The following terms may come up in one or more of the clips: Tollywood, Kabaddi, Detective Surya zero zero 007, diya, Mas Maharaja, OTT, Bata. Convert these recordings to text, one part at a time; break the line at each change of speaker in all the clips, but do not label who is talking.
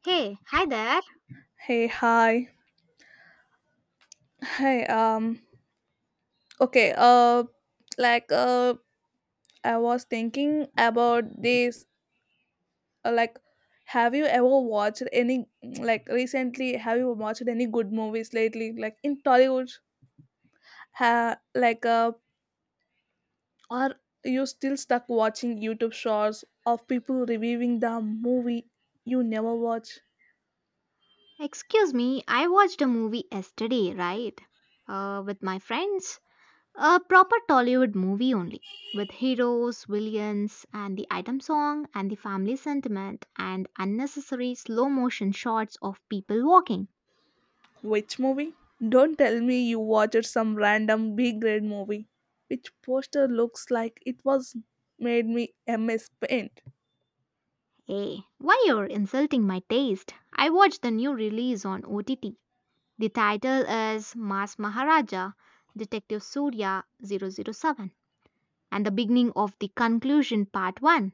Hey, hi there.
Hey, hi. Hey, okay, like, I was thinking about this, like, have you ever watched any, like, recently, have you watched any good movies lately, like, in Tollywood, like, are you still stuck watching YouTube shorts of people reviewing the movie you never watch?
Excuse me, I watched a movie yesterday, right? With my friends. A proper Tollywood movie only. With heroes, villains, and the item song, and the family sentiment, and unnecessary slow motion shots of people walking.
Which movie? Don't tell me you watched some random B grade movie. Which poster looks like it was made me MS Paint.
Hey, why you're insulting my taste? I watched the new release on OTT. The title is Mas Maharaja, Detective Surya zero zero 007, and the beginning of the conclusion part 1.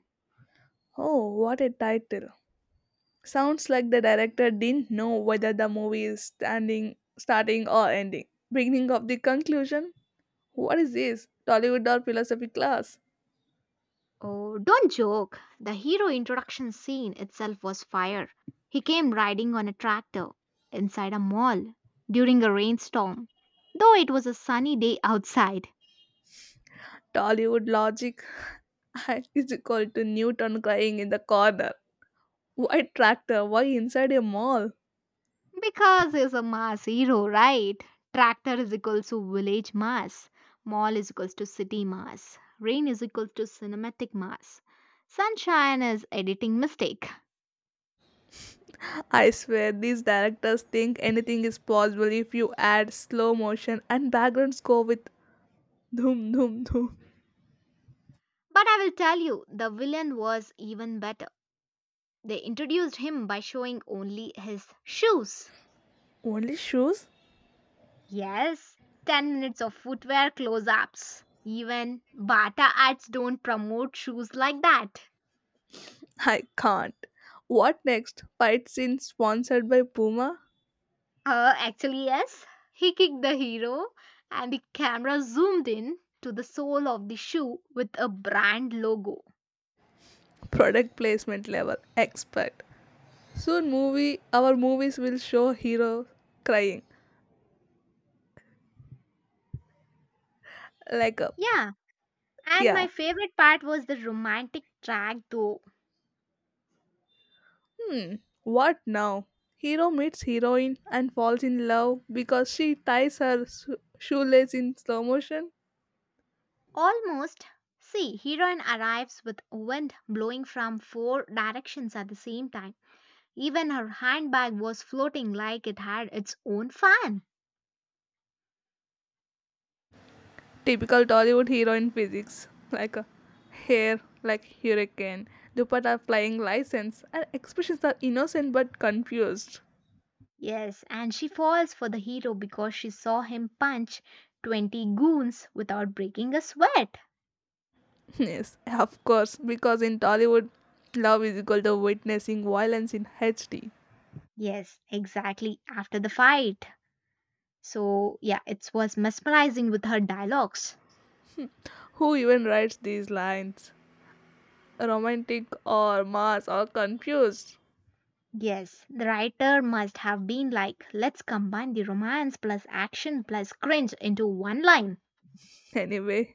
Oh, what a title. Sounds like the director didn't know whether the movie is standing starting or ending. Beginning of the conclusion? What is this? Tollywood or philosophy class?
Oh, don't joke. The hero introduction scene itself was fire. He came riding on a tractor inside a mall during a rainstorm, though it was a sunny day outside.
Tollywood logic is equal to Newton crying in the corner. Why tractor? Why inside a mall?
Because he's a mass hero, right? Tractor is equals to village mass, mall is equals to city mass, rain is equals to cinematic mass, sunshine is editing mistake.
I swear, these directors think anything is possible if you add slow motion and background score with dhoom dhoom dhoom.
But I will tell you, the villain was even better. They introduced him by showing only his shoes.
Only shoes?
Yes, 10 minutes of footwear close ups. Even Bata ads don't promote shoes like that.
I can't. What next? Fight scene sponsored by Puma?
Actually, yes. He kicked the hero, and the camera zoomed in to the sole of the shoe with a brand logo.
Product placement level expert. Soon movie our movies will show hero crying. Like a
Yeah, and
yeah.
my favorite part was the romantic track though.
Hmm. What now? Hero meets heroine and falls in love because she ties her shoelace in slow motion.
Almost. See, heroine arrives with wind blowing from four directions at the same time. Even her handbag was floating like it had its own fan.
Typical Tollywood heroine physics like a hair like hurricane, dupatta flying license, and expressions are innocent but confused.
Yes, and she falls for the hero because she saw him punch 20 goons without breaking a sweat.
Yes, of course, because in Tollywood, love is equal to witnessing violence in HD.
Yes, exactly, after the fight. So, yeah, it was mesmerizing with her dialogues.
Who even writes these lines? Romantic or mass or confused?
Yes, the writer must have been like, let's combine the romance plus action plus cringe into one line.
Anyway,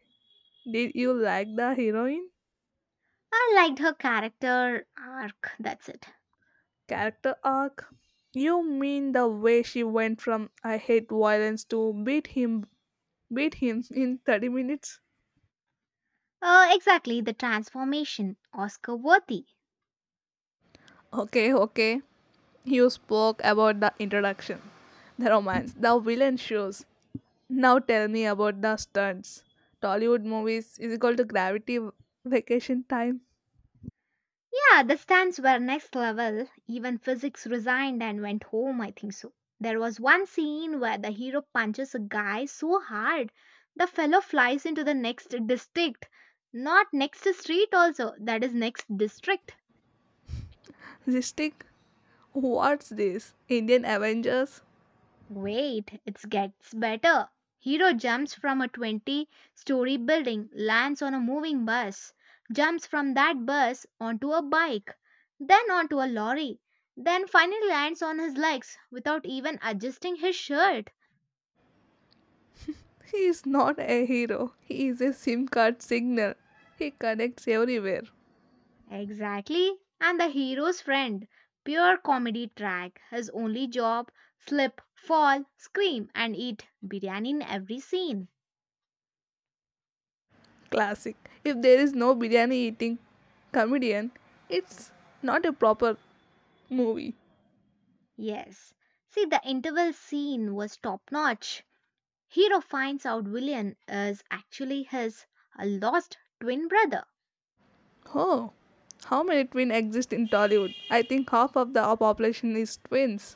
did you like the heroine
I liked her character arc, that's it.
character arc? You mean the way she went from I hate violence to beat him in 30 minutes.
Exactly, the transformation, Oscar worthy.
Okay, okay. You spoke about the introduction, the romance, the villain shows. Now tell me about the stunts. Tollywood movies is equal to gravity vacation time.
Yeah, the stunts were next level. Even physics resigned and went home, I think so. There was one scene where the hero punches a guy so hard, the fellow flies into the next district. Not next street, also, that is next district.
Zistic, what's this? Indian Avengers?
Wait, it gets better. Hero jumps from a 20-story building, lands on a moving bus, jumps from that bus onto a bike, then onto a lorry, then finally lands on his legs without even adjusting his shirt.
He is not a hero. He is a SIM card signal. He connects everywhere.
Exactly. And the hero's friend, pure comedy track. His only job slip, fall, scream, and eat biryani in every scene.
Classic. If there is no biryani eating comedian, it's not a proper movie.
Yes. See, the interval scene was top notch. Hero finds out villain is actually his lost twin brother.
Oh, how many twins exist in Tollywood? I think half of the population is twins.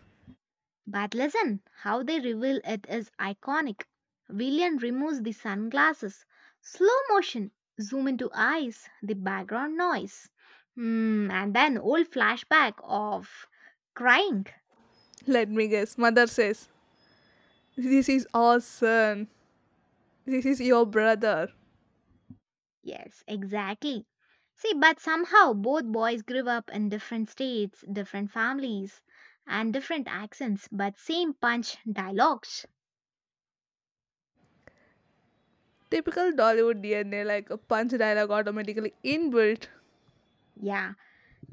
But listen, how they reveal it is iconic. Villain removes the sunglasses. Slow motion, zoom into eyes, the background noise. Hmm, and then old flashback of crying.
Let me guess. Mother says, "This is our son. This is your brother."
Yes, exactly. See, but somehow both boys grew up in different states, different families, and different accents, but same punch dialogues.
Typical Dollywood DNA, like a punch dialogue automatically inbuilt.
Yeah.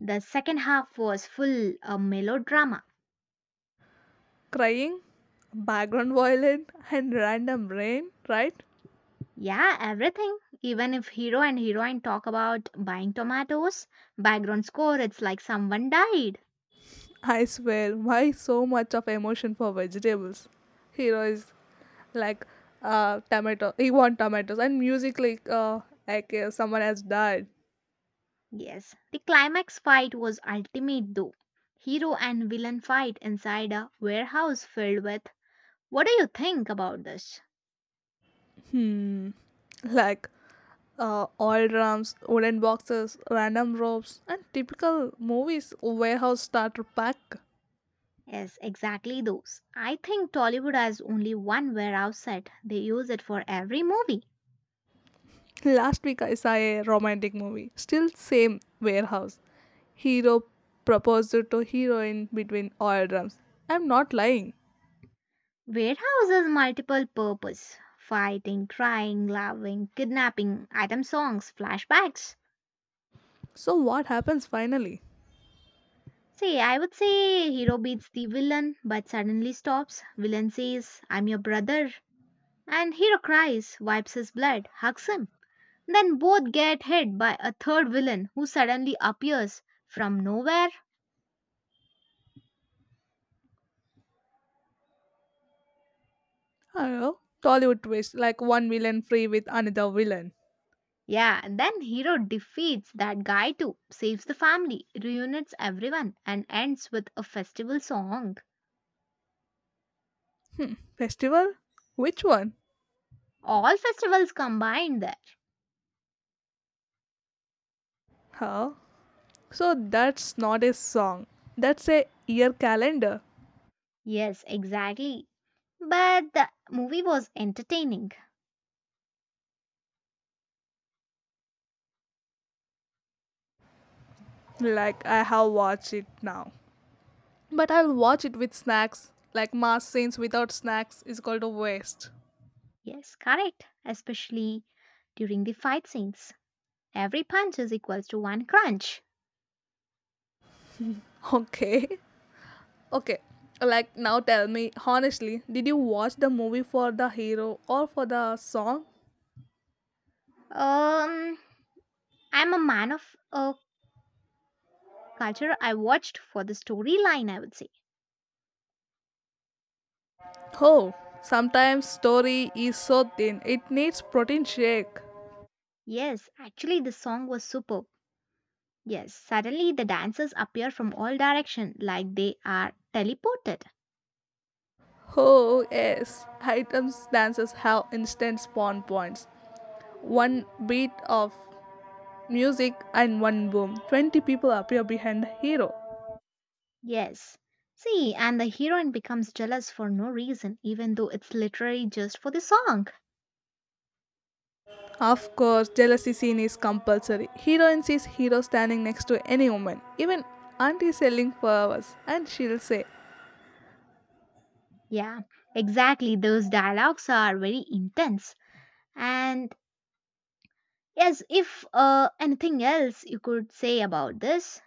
The second half was full of melodrama.
Crying, background violin, and random rain, right?
Yeah, everything. Even if hero and heroine talk about buying tomatoes, background score it's like someone died.
I swear, why so much of emotion for vegetables? Hero is like tomato, he want tomatoes, and music like someone has died.
Yes. The climax fight was ultimate though. Hero and villain fight inside a warehouse filled with what do you think about this?
Hmm. Like oil drums, wooden boxes, random ropes, and typical movies warehouse starter pack.
Yes, exactly those. I think Tollywood has only one warehouse set. They use it for every movie.
Last week I saw a romantic movie. Still same warehouse. Hero proposed to heroine between oil drums. I'm not lying.
Warehouses multiple purpose fighting, crying, loving, kidnapping, item songs, flashbacks.
So what happens finally?
See, I would say hero beats the villain but suddenly stops. Villain says, I'm your brother. And hero cries, wipes his blood, hugs him. Then both get hit by a third villain who suddenly appears from nowhere.
I don't know. Tollywood twist like one villain free with another villain.
Yeah, then hero defeats that guy too, saves the family, reunites everyone, and ends with a festival song.
Festival? Which one?
All festivals combined there.
Huh? So that's not a song. That's a year calendar.
Yes, exactly. But the movie was entertaining.
Like I have watched it now. But I'll watch it with snacks. Like mass scenes without snacks is called a waste.
Yes, correct. Especially during the fight scenes. Every punch is equals to one crunch.
Okay. Okay. Like now tell me honestly, did you watch the movie for the hero or for the song?
Um, I'm a man of a culture I watched for the storyline, I would say.
Oh, sometimes story is so thin it needs protein shake.
Yes, actually, the song was superb. Yes, suddenly the dancers appear from all direction like they are teleported.
Oh yes, items dances have instant spawn points. One beat of music, and one boom. 20 people appear behind the hero.
Yes. See, and the heroine becomes jealous for no reason, even though it's literally just for the song.
Of course, jealousy scene is compulsory. Heroine sees hero standing next to any woman, even auntie selling flowers, and she'll say,
Yeah, exactly. Those dialogues are very intense. And yes, if anything else you could say about this.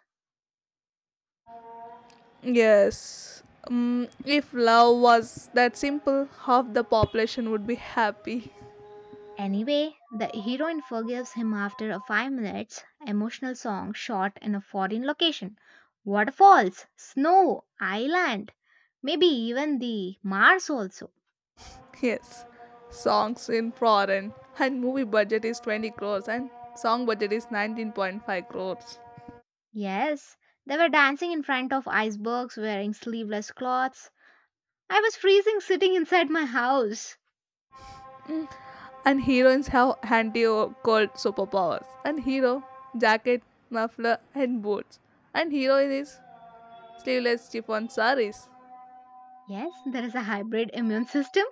yes, if love was that simple, half the population would be happy.
Anyway, the heroine forgives him after a 5 minutes emotional song shot in a foreign location. Waterfalls, snow, island, maybe even the Mars also.
Yes, songs in foreign, and movie budget is 20 crores, and song budget is 19.5 crores.
Yes, they were dancing in front of icebergs wearing sleeveless cloths. I was freezing sitting inside my house.
And heroines have handy or called superpowers. And hero, jacket, muffler, and boots. And heroine is sleeveless chiffon saris.
Yes, there is a hybrid immune system.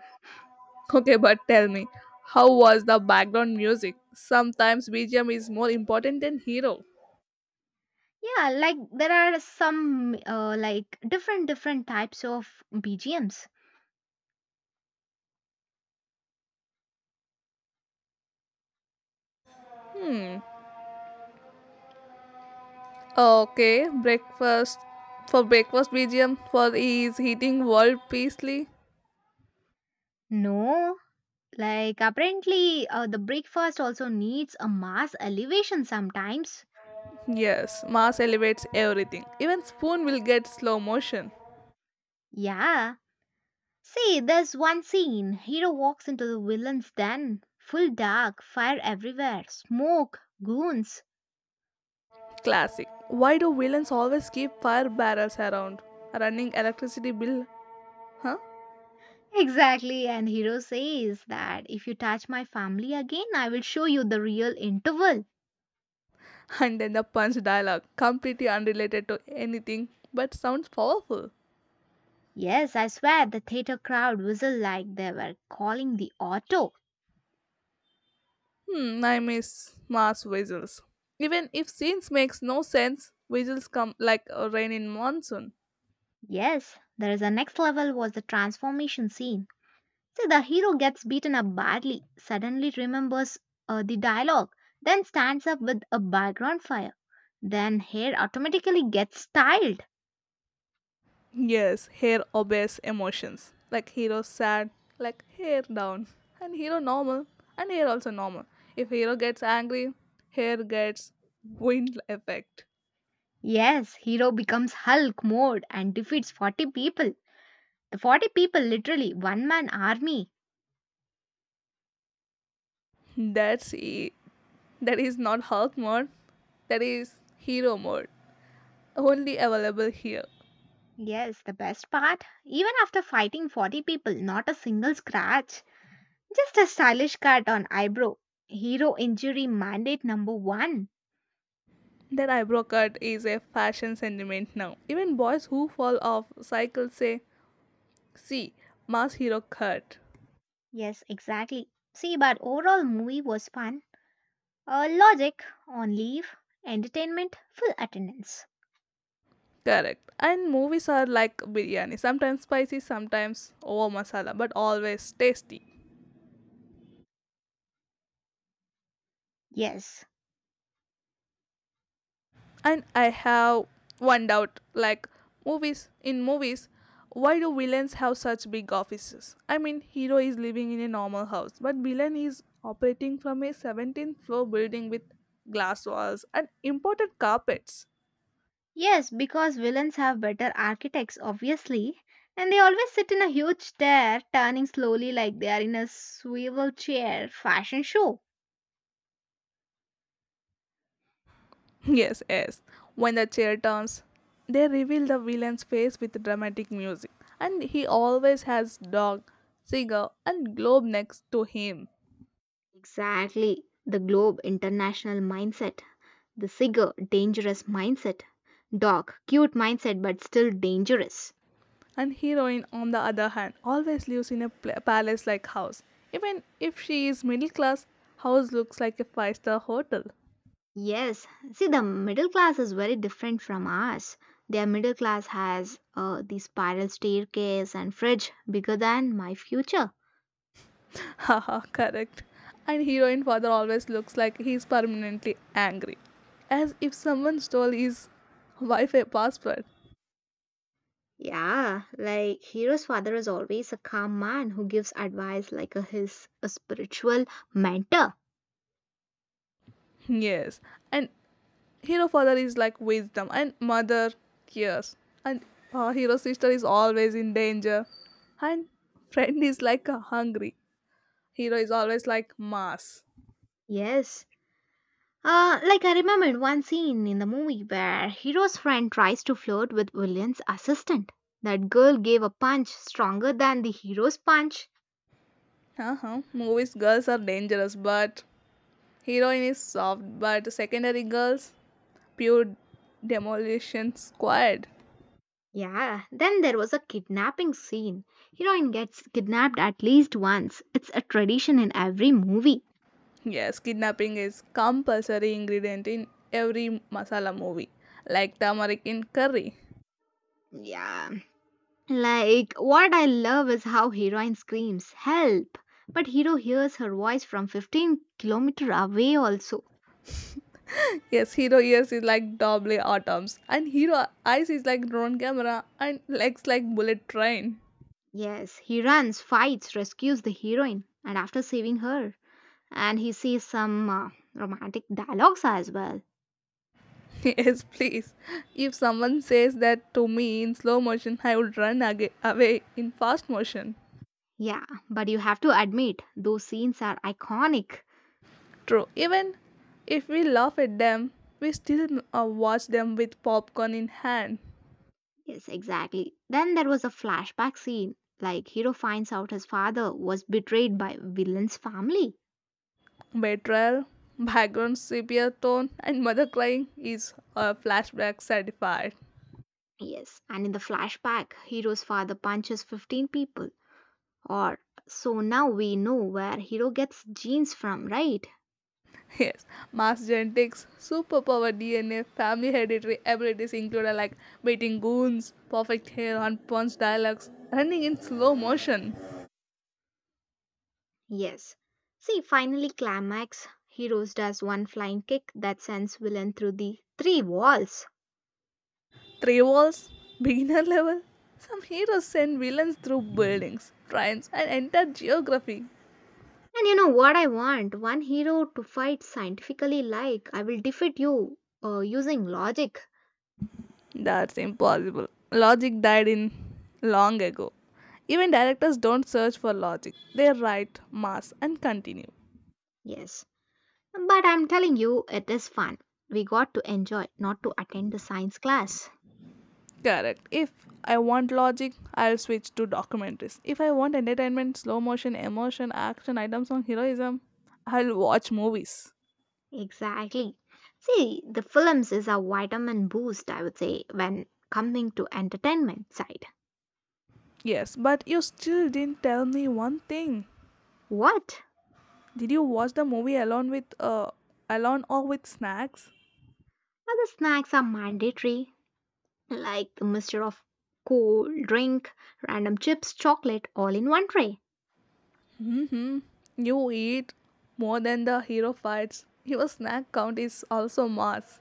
Okay, but tell me, how was the background music? Sometimes BGM is more important than hero.
Yeah, like there are some like different types of BGMs.
Hmm. Okay, breakfast. For breakfast, BGM for he is eating world peacefully.
No, like apparently the breakfast also needs a mass elevation sometimes.
Yes, Mars elevates everything. Even spoon will get slow motion.
Yeah. See, there's one scene. Hero walks into the villain's den. Full dark, fire everywhere, smoke, goons.
Classic. Why do villains always keep fire barrels around? Running electricity bill, huh?
Exactly, and Hero says that if you touch my family again, I will show you the real interval.
And then the punch dialogue, completely unrelated to anything but sounds powerful.
Yes, I swear the theater crowd whistled like they were calling the auto.
Hmm, I miss Mars visuals. Even if scenes makes no sense, visuals come like a rain in monsoon.
Yes, there is a next level was the transformation scene. See, the hero gets beaten up badly, suddenly remembers the dialogue, then stands up with a background fire. Then hair automatically gets styled.
Yes, hair obeys emotions. Like hero sad, like hair down. And hero normal, and hair also normal. If hero gets angry, hair gets wind effect.
Yes, hero becomes Hulk mode and defeats 40 people. The 40 people, literally, one man army.
That's e- that is not Hulk mode. That is hero mode. Only available here.
Yes, the best part, even after fighting 40 people, not a single scratch. Just a stylish cut on eyebrow. Hero injury mandate number one.
That eyebrow cut is a fashion sentiment now. Even boys who fall off cycle say, "See, mass hero cut."
Yes, exactly. See, but overall movie was fun. Logic, on leave, entertainment, full attendance.
Correct. And movies are like biryani. Sometimes spicy, sometimes over masala, but always tasty.
Yes,
And I have one doubt, like, movies in movies why do villains have such big offices? I mean, hero is living in a normal house but villain is operating from a 17th floor building with glass walls and imported carpets.
yes, because villains have better architects, obviously. And they always sit in a huge chair, turning slowly like they are in a swivel chair fashion show.
Yes, yes. When the chair turns, they reveal the villain's face with dramatic music, and he always has dog, cigar, and globe next to him.
Exactly. The globe international mindset, the Sigger dangerous mindset, dog cute mindset but still dangerous.
And heroine, on the other hand, always lives in a palace-like house. Even if she is middle class, house looks like a five-star hotel.
Yes, see the middle class is very different from ours. Their middle class has the spiral staircase and fridge bigger than my future.
Haha, correct. And heroine father always looks like he is permanently angry, as if someone stole his Wi-Fi password.
Yeah, like Hero's father is always a calm man who gives advice like a, his a spiritual mentor.
Yes, and hero father is like wisdom, and mother cares, and hero sister is always in danger, and friend is like hungry. Hero is always like mass.
Yes. Like I remembered one scene in the movie where Hero's friend tries to flirt with William's assistant. That girl gave a punch stronger than the hero's punch.
Uh-huh. Movies girls are dangerous, but heroine is soft, but secondary girls pure demolition squad.
Yeah, then there was a kidnapping scene. Heroine gets kidnapped at least once. It's a tradition in every movie.
Yes, kidnapping is compulsory ingredient in every masala movie, like turmeric in curry.
Yeah, like, what I love is how heroine screams, Help! But hero hears her voice from 15 kilometer away also.
Yes, hero ears is like double atoms, and hero eyes is like drone camera, and legs like bullet train.
Yes, he runs, fights, rescues the heroine, and after saving her, and he says some romantic dialogues as well.
Yes, please. If someone says that to me in slow motion, I would run away in fast motion.
Yeah, but you have to admit, those scenes are iconic.
True. Even if we laugh at them, we still watch them with popcorn in hand.
Yes, exactly. Then there was a flashback scene, like hero finds out his father was betrayed by villain's family.
Betrayal, background sepia tone, and mother crying is a flashback certified.
Yes, and in the flashback, Hero's father punches 15 people, or so now we know where Hero gets jeans from, right?
Yes, mass genetics, superpower DNA, family hereditary abilities included like beating goons, perfect hair on punch dialogues, running in slow motion.
Yes. See, finally, climax. Heroes does one flying kick that sends villain through the three walls.
Three walls, beginner level, some heroes send villains through buildings, trains, and entire geography.
And you know what I want? One hero to fight scientifically, like I will defeat you using logic.
That's impossible. Logic died in long ago. Even directors don't search for logic. They write mass and continue.
Yes. But I'm telling you, it is fun. We got to enjoy, not to attend the science class.
Correct. If I want logic, I'll switch to documentaries. If I want entertainment, slow motion, emotion, action items on heroism, I'll watch movies.
Exactly. See, the films is a vitamin boost, I would say, when coming to entertainment side.
Yes, but you still didn't tell me one thing.
What?
Did you watch the movie alone or with snacks?
Other snacks are mandatory, like the mixture of cold drink, random chips, chocolate, all in one tray.
Hmm. You eat more than the hero fights. Your snack count is also mass.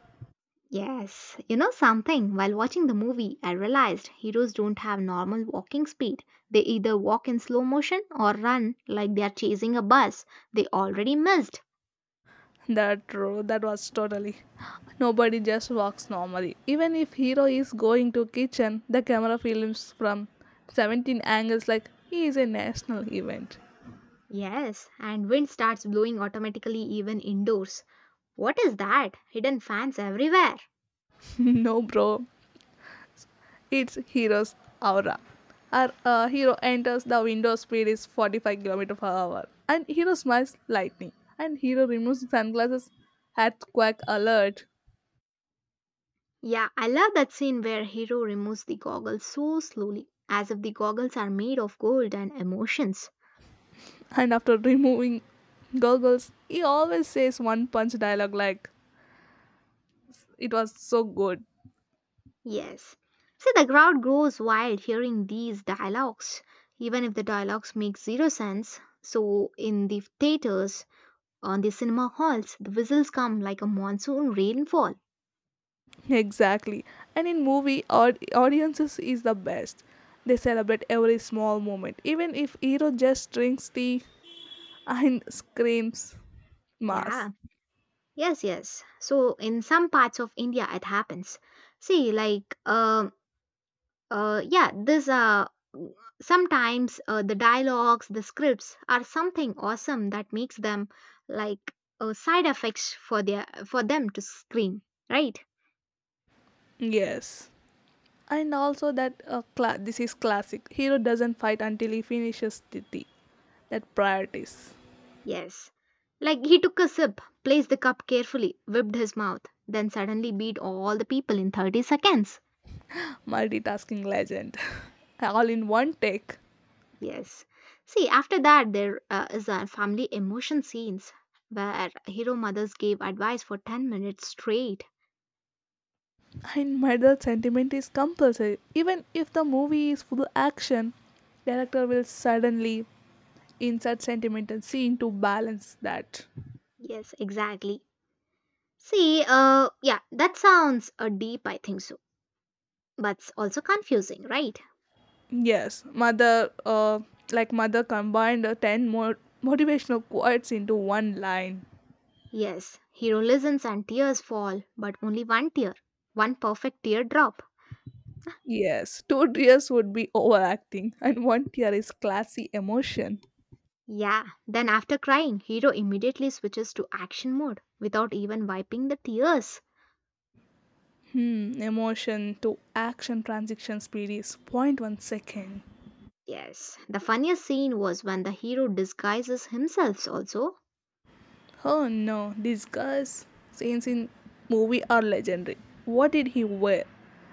Yes, you know something, while watching the movie, I realized heroes don't have normal walking speed. They either walk in slow motion or run like they are chasing a bus they already missed.
That true. That was totally. Nobody just walks normally. Even if hero is going to kitchen, the camera films from 17 angles like he is a national event.
Yes, and wind starts blowing automatically even indoors. What is that? Hidden fans everywhere.
No, bro. It's hero's aura. Our hero enters the window speed is 45 km per hour. And hero smiles lightning. And hero removes sunglasses at quack alert.
Yeah, I love that scene where Hero removes the goggles so slowly, as if the goggles are made of gold and emotions.
And after removing goggles, he always says one punch dialogue like, "It was so good."
Yes. See, the crowd grows wild hearing these dialogues, even if the dialogues make zero sense. So, in the theaters, on the cinema halls, the whistles come like a monsoon rainfall.
Exactly. And in movie, audiences is the best. They celebrate every small moment, even if hero just drinks tea and screams mass.
Yeah. Yes, yes. So in some parts of India, it happens. See, like, yeah, this sometimes the dialogues, the scripts are something awesome that makes them like side effects for their for them to screen, right?
Yes. And also this is classic. Hero doesn't fight until he finishes the tea. That priorities.
Yes. Like he took a sip, placed the cup carefully, whipped his mouth, then suddenly beat all the people in 30 seconds.
Multitasking legend. All in one take.
Yes. See, after that, there is a family emotion scenes where hero mothers gave advice for 10 minutes straight.
In my sentiment is compulsory. Even if the movie is full action, director will suddenly insert sentimental scene to balance that.
Yes, exactly. See, yeah, that sounds deep, I think so. But it's also confusing, right?
Yes, mother, like mother combined ten more motivational quotes into one line.
Yes, hero listens and tears fall, but only one tear, one perfect teardrop.
Yes, two tears would be overacting, and one tear is classy emotion.
Yeah, then after crying, hero immediately switches to action mode without even wiping the tears.
Hmm, emotion to action transition speed is zero point 0.1 second.
Yes, the funniest scene was when the hero disguises himself also.
Oh no, these guys' scenes in movie are legendary. What did he wear?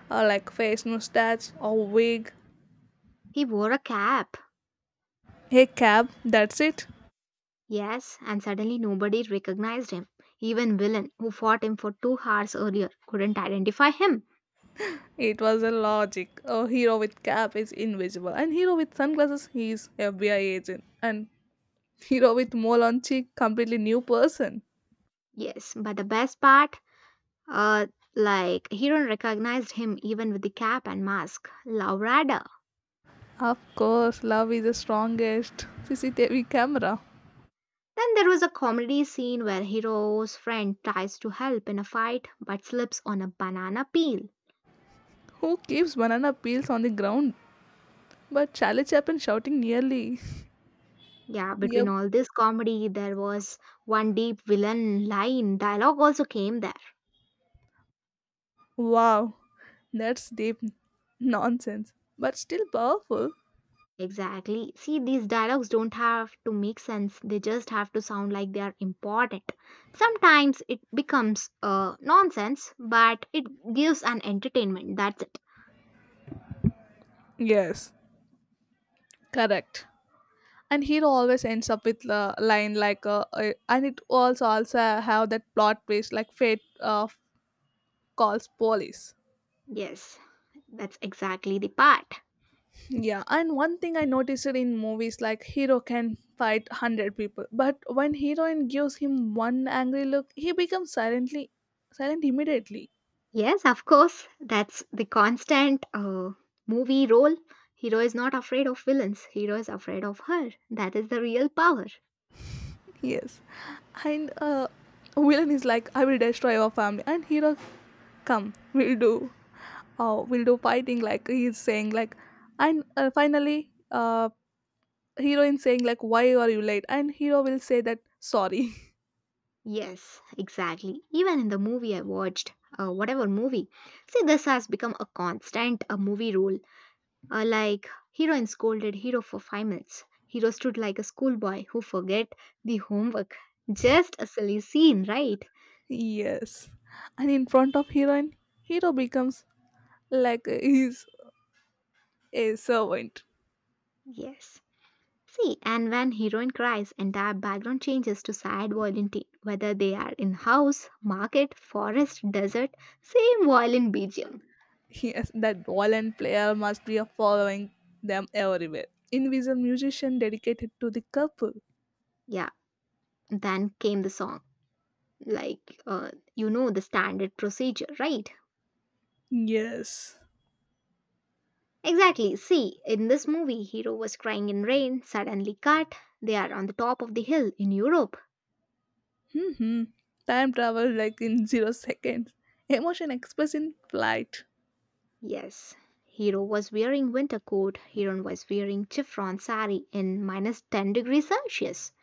Like face mustache, a wig,
He wore a cap.
a cap, that's it.
Yes, and suddenly nobody recognized him. Even villain who fought him for 2 hours earlier couldn't identify him.
It was a logic. A hero with cap is invisible, and hero with sunglasses he is FBI agent, and hero with mole on cheek completely new person.
Yes, but the best part uh like hero recognized him even with the cap and mask. Laurada.
Of course, love is the strongest CCTV camera.
Then there was a comedy scene where hero's friend tries to help in a fight but slips on a banana peel.
Who keeps banana peels on the ground? But Charlie Chaplin shouting nearly.
Yeah, between
Yep.
all this comedy, there was one deep villain line. Dialogue also came there.
Wow, that's deep nonsense, but still powerful.
Exactly. See, these dialogues don't have to make sense, they just have to sound like they are important. Sometimes it becomes nonsense, but it gives an entertainment. That's it.
Yes, correct. And hero always ends up with a line like, and it also have that plot twist like fate calls police.
Yes, that's exactly the part.
Yeah, and one thing I noticed in movies like hero can fight 100 people, but when heroine gives him one angry look, he becomes silent immediately.
Yes, of course, that's the constant movie role. Hero is not afraid of villains, hero is afraid of her. That is the real power.
Yes. And villain is like, "I will destroy your family." And hero, come, we'll do. We'll do fighting, like he's saying. Like, and finally, heroine saying, like, why are you late? And hero will say that, sorry.
Yes, exactly. Even in the movie I watched, whatever movie, see, this has become a constant a movie rule. Like heroine scolded hero for 5 minutes. Hero stood like a schoolboy who forget the homework. Just a silly scene, right?
Yes. And in front of heroine, hero becomes like he's a servant.
Yes. See, and when heroine cries, entire background changes to sad violin tune. Whether they are in house, market, forest, desert, same violin BGM.
Yes, that violin player must be following them everywhere. Invisible musician dedicated to the couple.
Yeah. Then came the song like you know the standard procedure, right?
Yes.
Exactly, see, in this movie hero was crying in rain, suddenly cut, they are on the top of the hill in Europe.
Hmm. Time travel like in 0 seconds. Emotion expressed in flight.
Yes, hero was wearing winter coat, hero was wearing chiffon sari in minus 10 degrees celsius.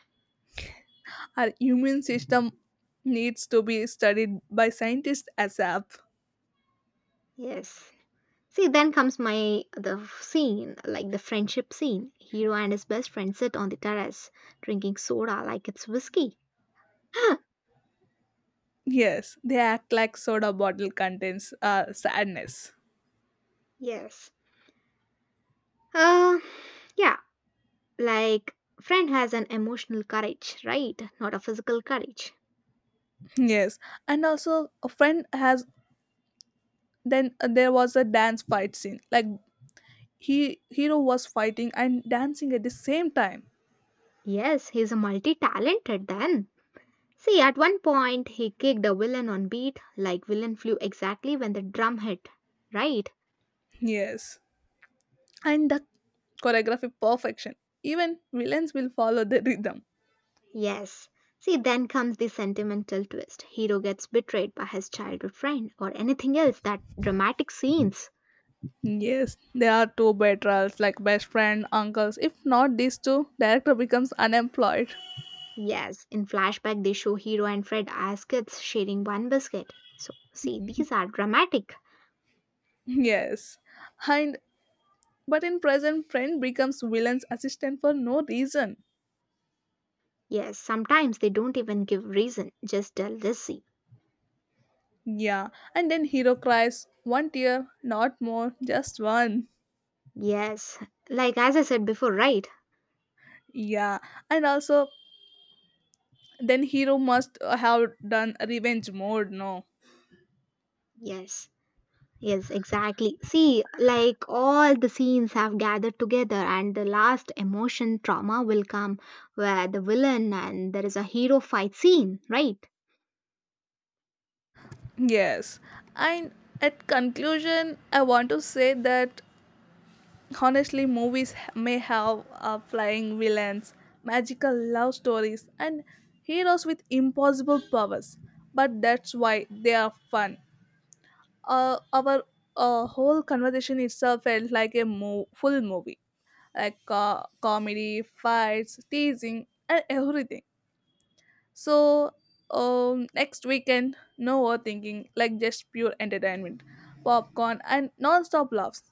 Our immune system needs to be studied by scientists ASAP.
Yes, see then comes my the scene like the friendship scene, hero and his best friend sit on the terrace drinking soda like it's whiskey.
Yes, they act like soda bottle contains sadness.
Yes, uh yeah. Like, friend has an emotional courage, right? Not a physical courage.
Yes, and also a friend has. Then there was a dance fight scene. Like he hero was fighting and dancing at the same time.
Yes, he's a multi talented then. See, at one point, he kicked a villain on beat, like, villain flew exactly when the drum hit, right?
Yes, and the choreography perfection. Even villains will follow the rhythm.
Yes. See, then comes the sentimental twist. Hero gets betrayed by his childhood friend or anything else that dramatic scenes.
Yes, they are two betrayals, like best friend, uncles. If not these two, director becomes unemployed.
Yes, in flashback, they show hero and Fred as kids sharing one biscuit. So, see, these are dramatic.
Yes. And but in present friend becomes villain's assistant for no reason.
Yes, sometimes they don't even give reason, just jealousy.
Yeah. And then hero cries one tear, not more, just one.
Yes, like as I said before, right?
Yeah. And also then hero must have done revenge mode, no.
Yes, yes, exactly. See, like all the scenes have gathered together, and the last emotion trauma will come where the villain and there is a hero fight scene, right?
Yes. And at conclusion, I want to say that honestly, movies may have flying villains, magical love stories, and heroes with impossible powers, but that's why they are fun. Our whole conversation itself felt like a full movie, like comedy, fights, teasing, and everything. So next weekend, no overthinking, like just pure entertainment, popcorn and non-stop laughs.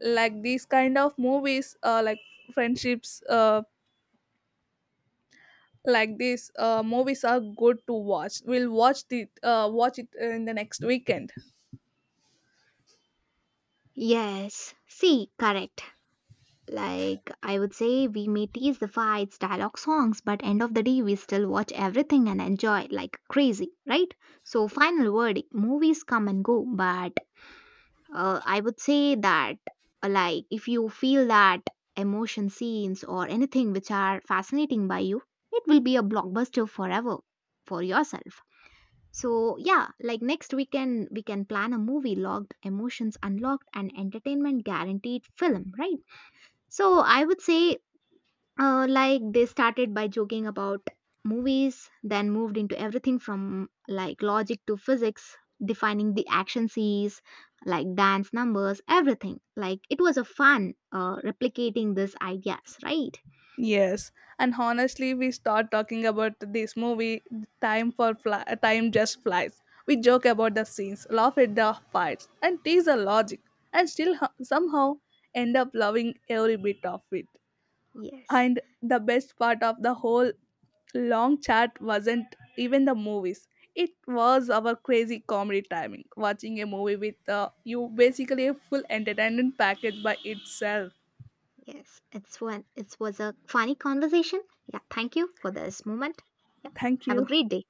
Like these kind of movies, like friendships, like these movies are good to watch. We'll watch it in the next weekend.
Yes, see, correct. Like I would say we may tease the fights, dialogue songs, but end of the day we still watch everything and enjoy it like crazy, right? So final verdict, movies come and go, but I would say that like if you feel that emotion scenes or anything which are fascinating by you, it will be a blockbuster forever for yourself. So yeah, like next weekend we can plan a movie logged, emotions unlocked and entertainment guaranteed film, right? So I would say like they started by joking about movies, then moved into everything from like logic to physics, defining the action scenes, like dance numbers, everything. Like it was a fun replicating these ideas, right?
Yes, and honestly, we start talking about this movie. Time for fly, time just flies. We joke about the scenes, laugh at the fights, and tease the logic, and still somehow end up loving every bit of it.
Yes,
And the best part of the whole long chat wasn't even the movies. It was our crazy comedy timing. Watching a movie with you basically a full entertainment package by itself.
yes. It's one. It was a funny conversation. Yeah. Thank you for this moment. Yeah.
Thank
Have a
you.
great day.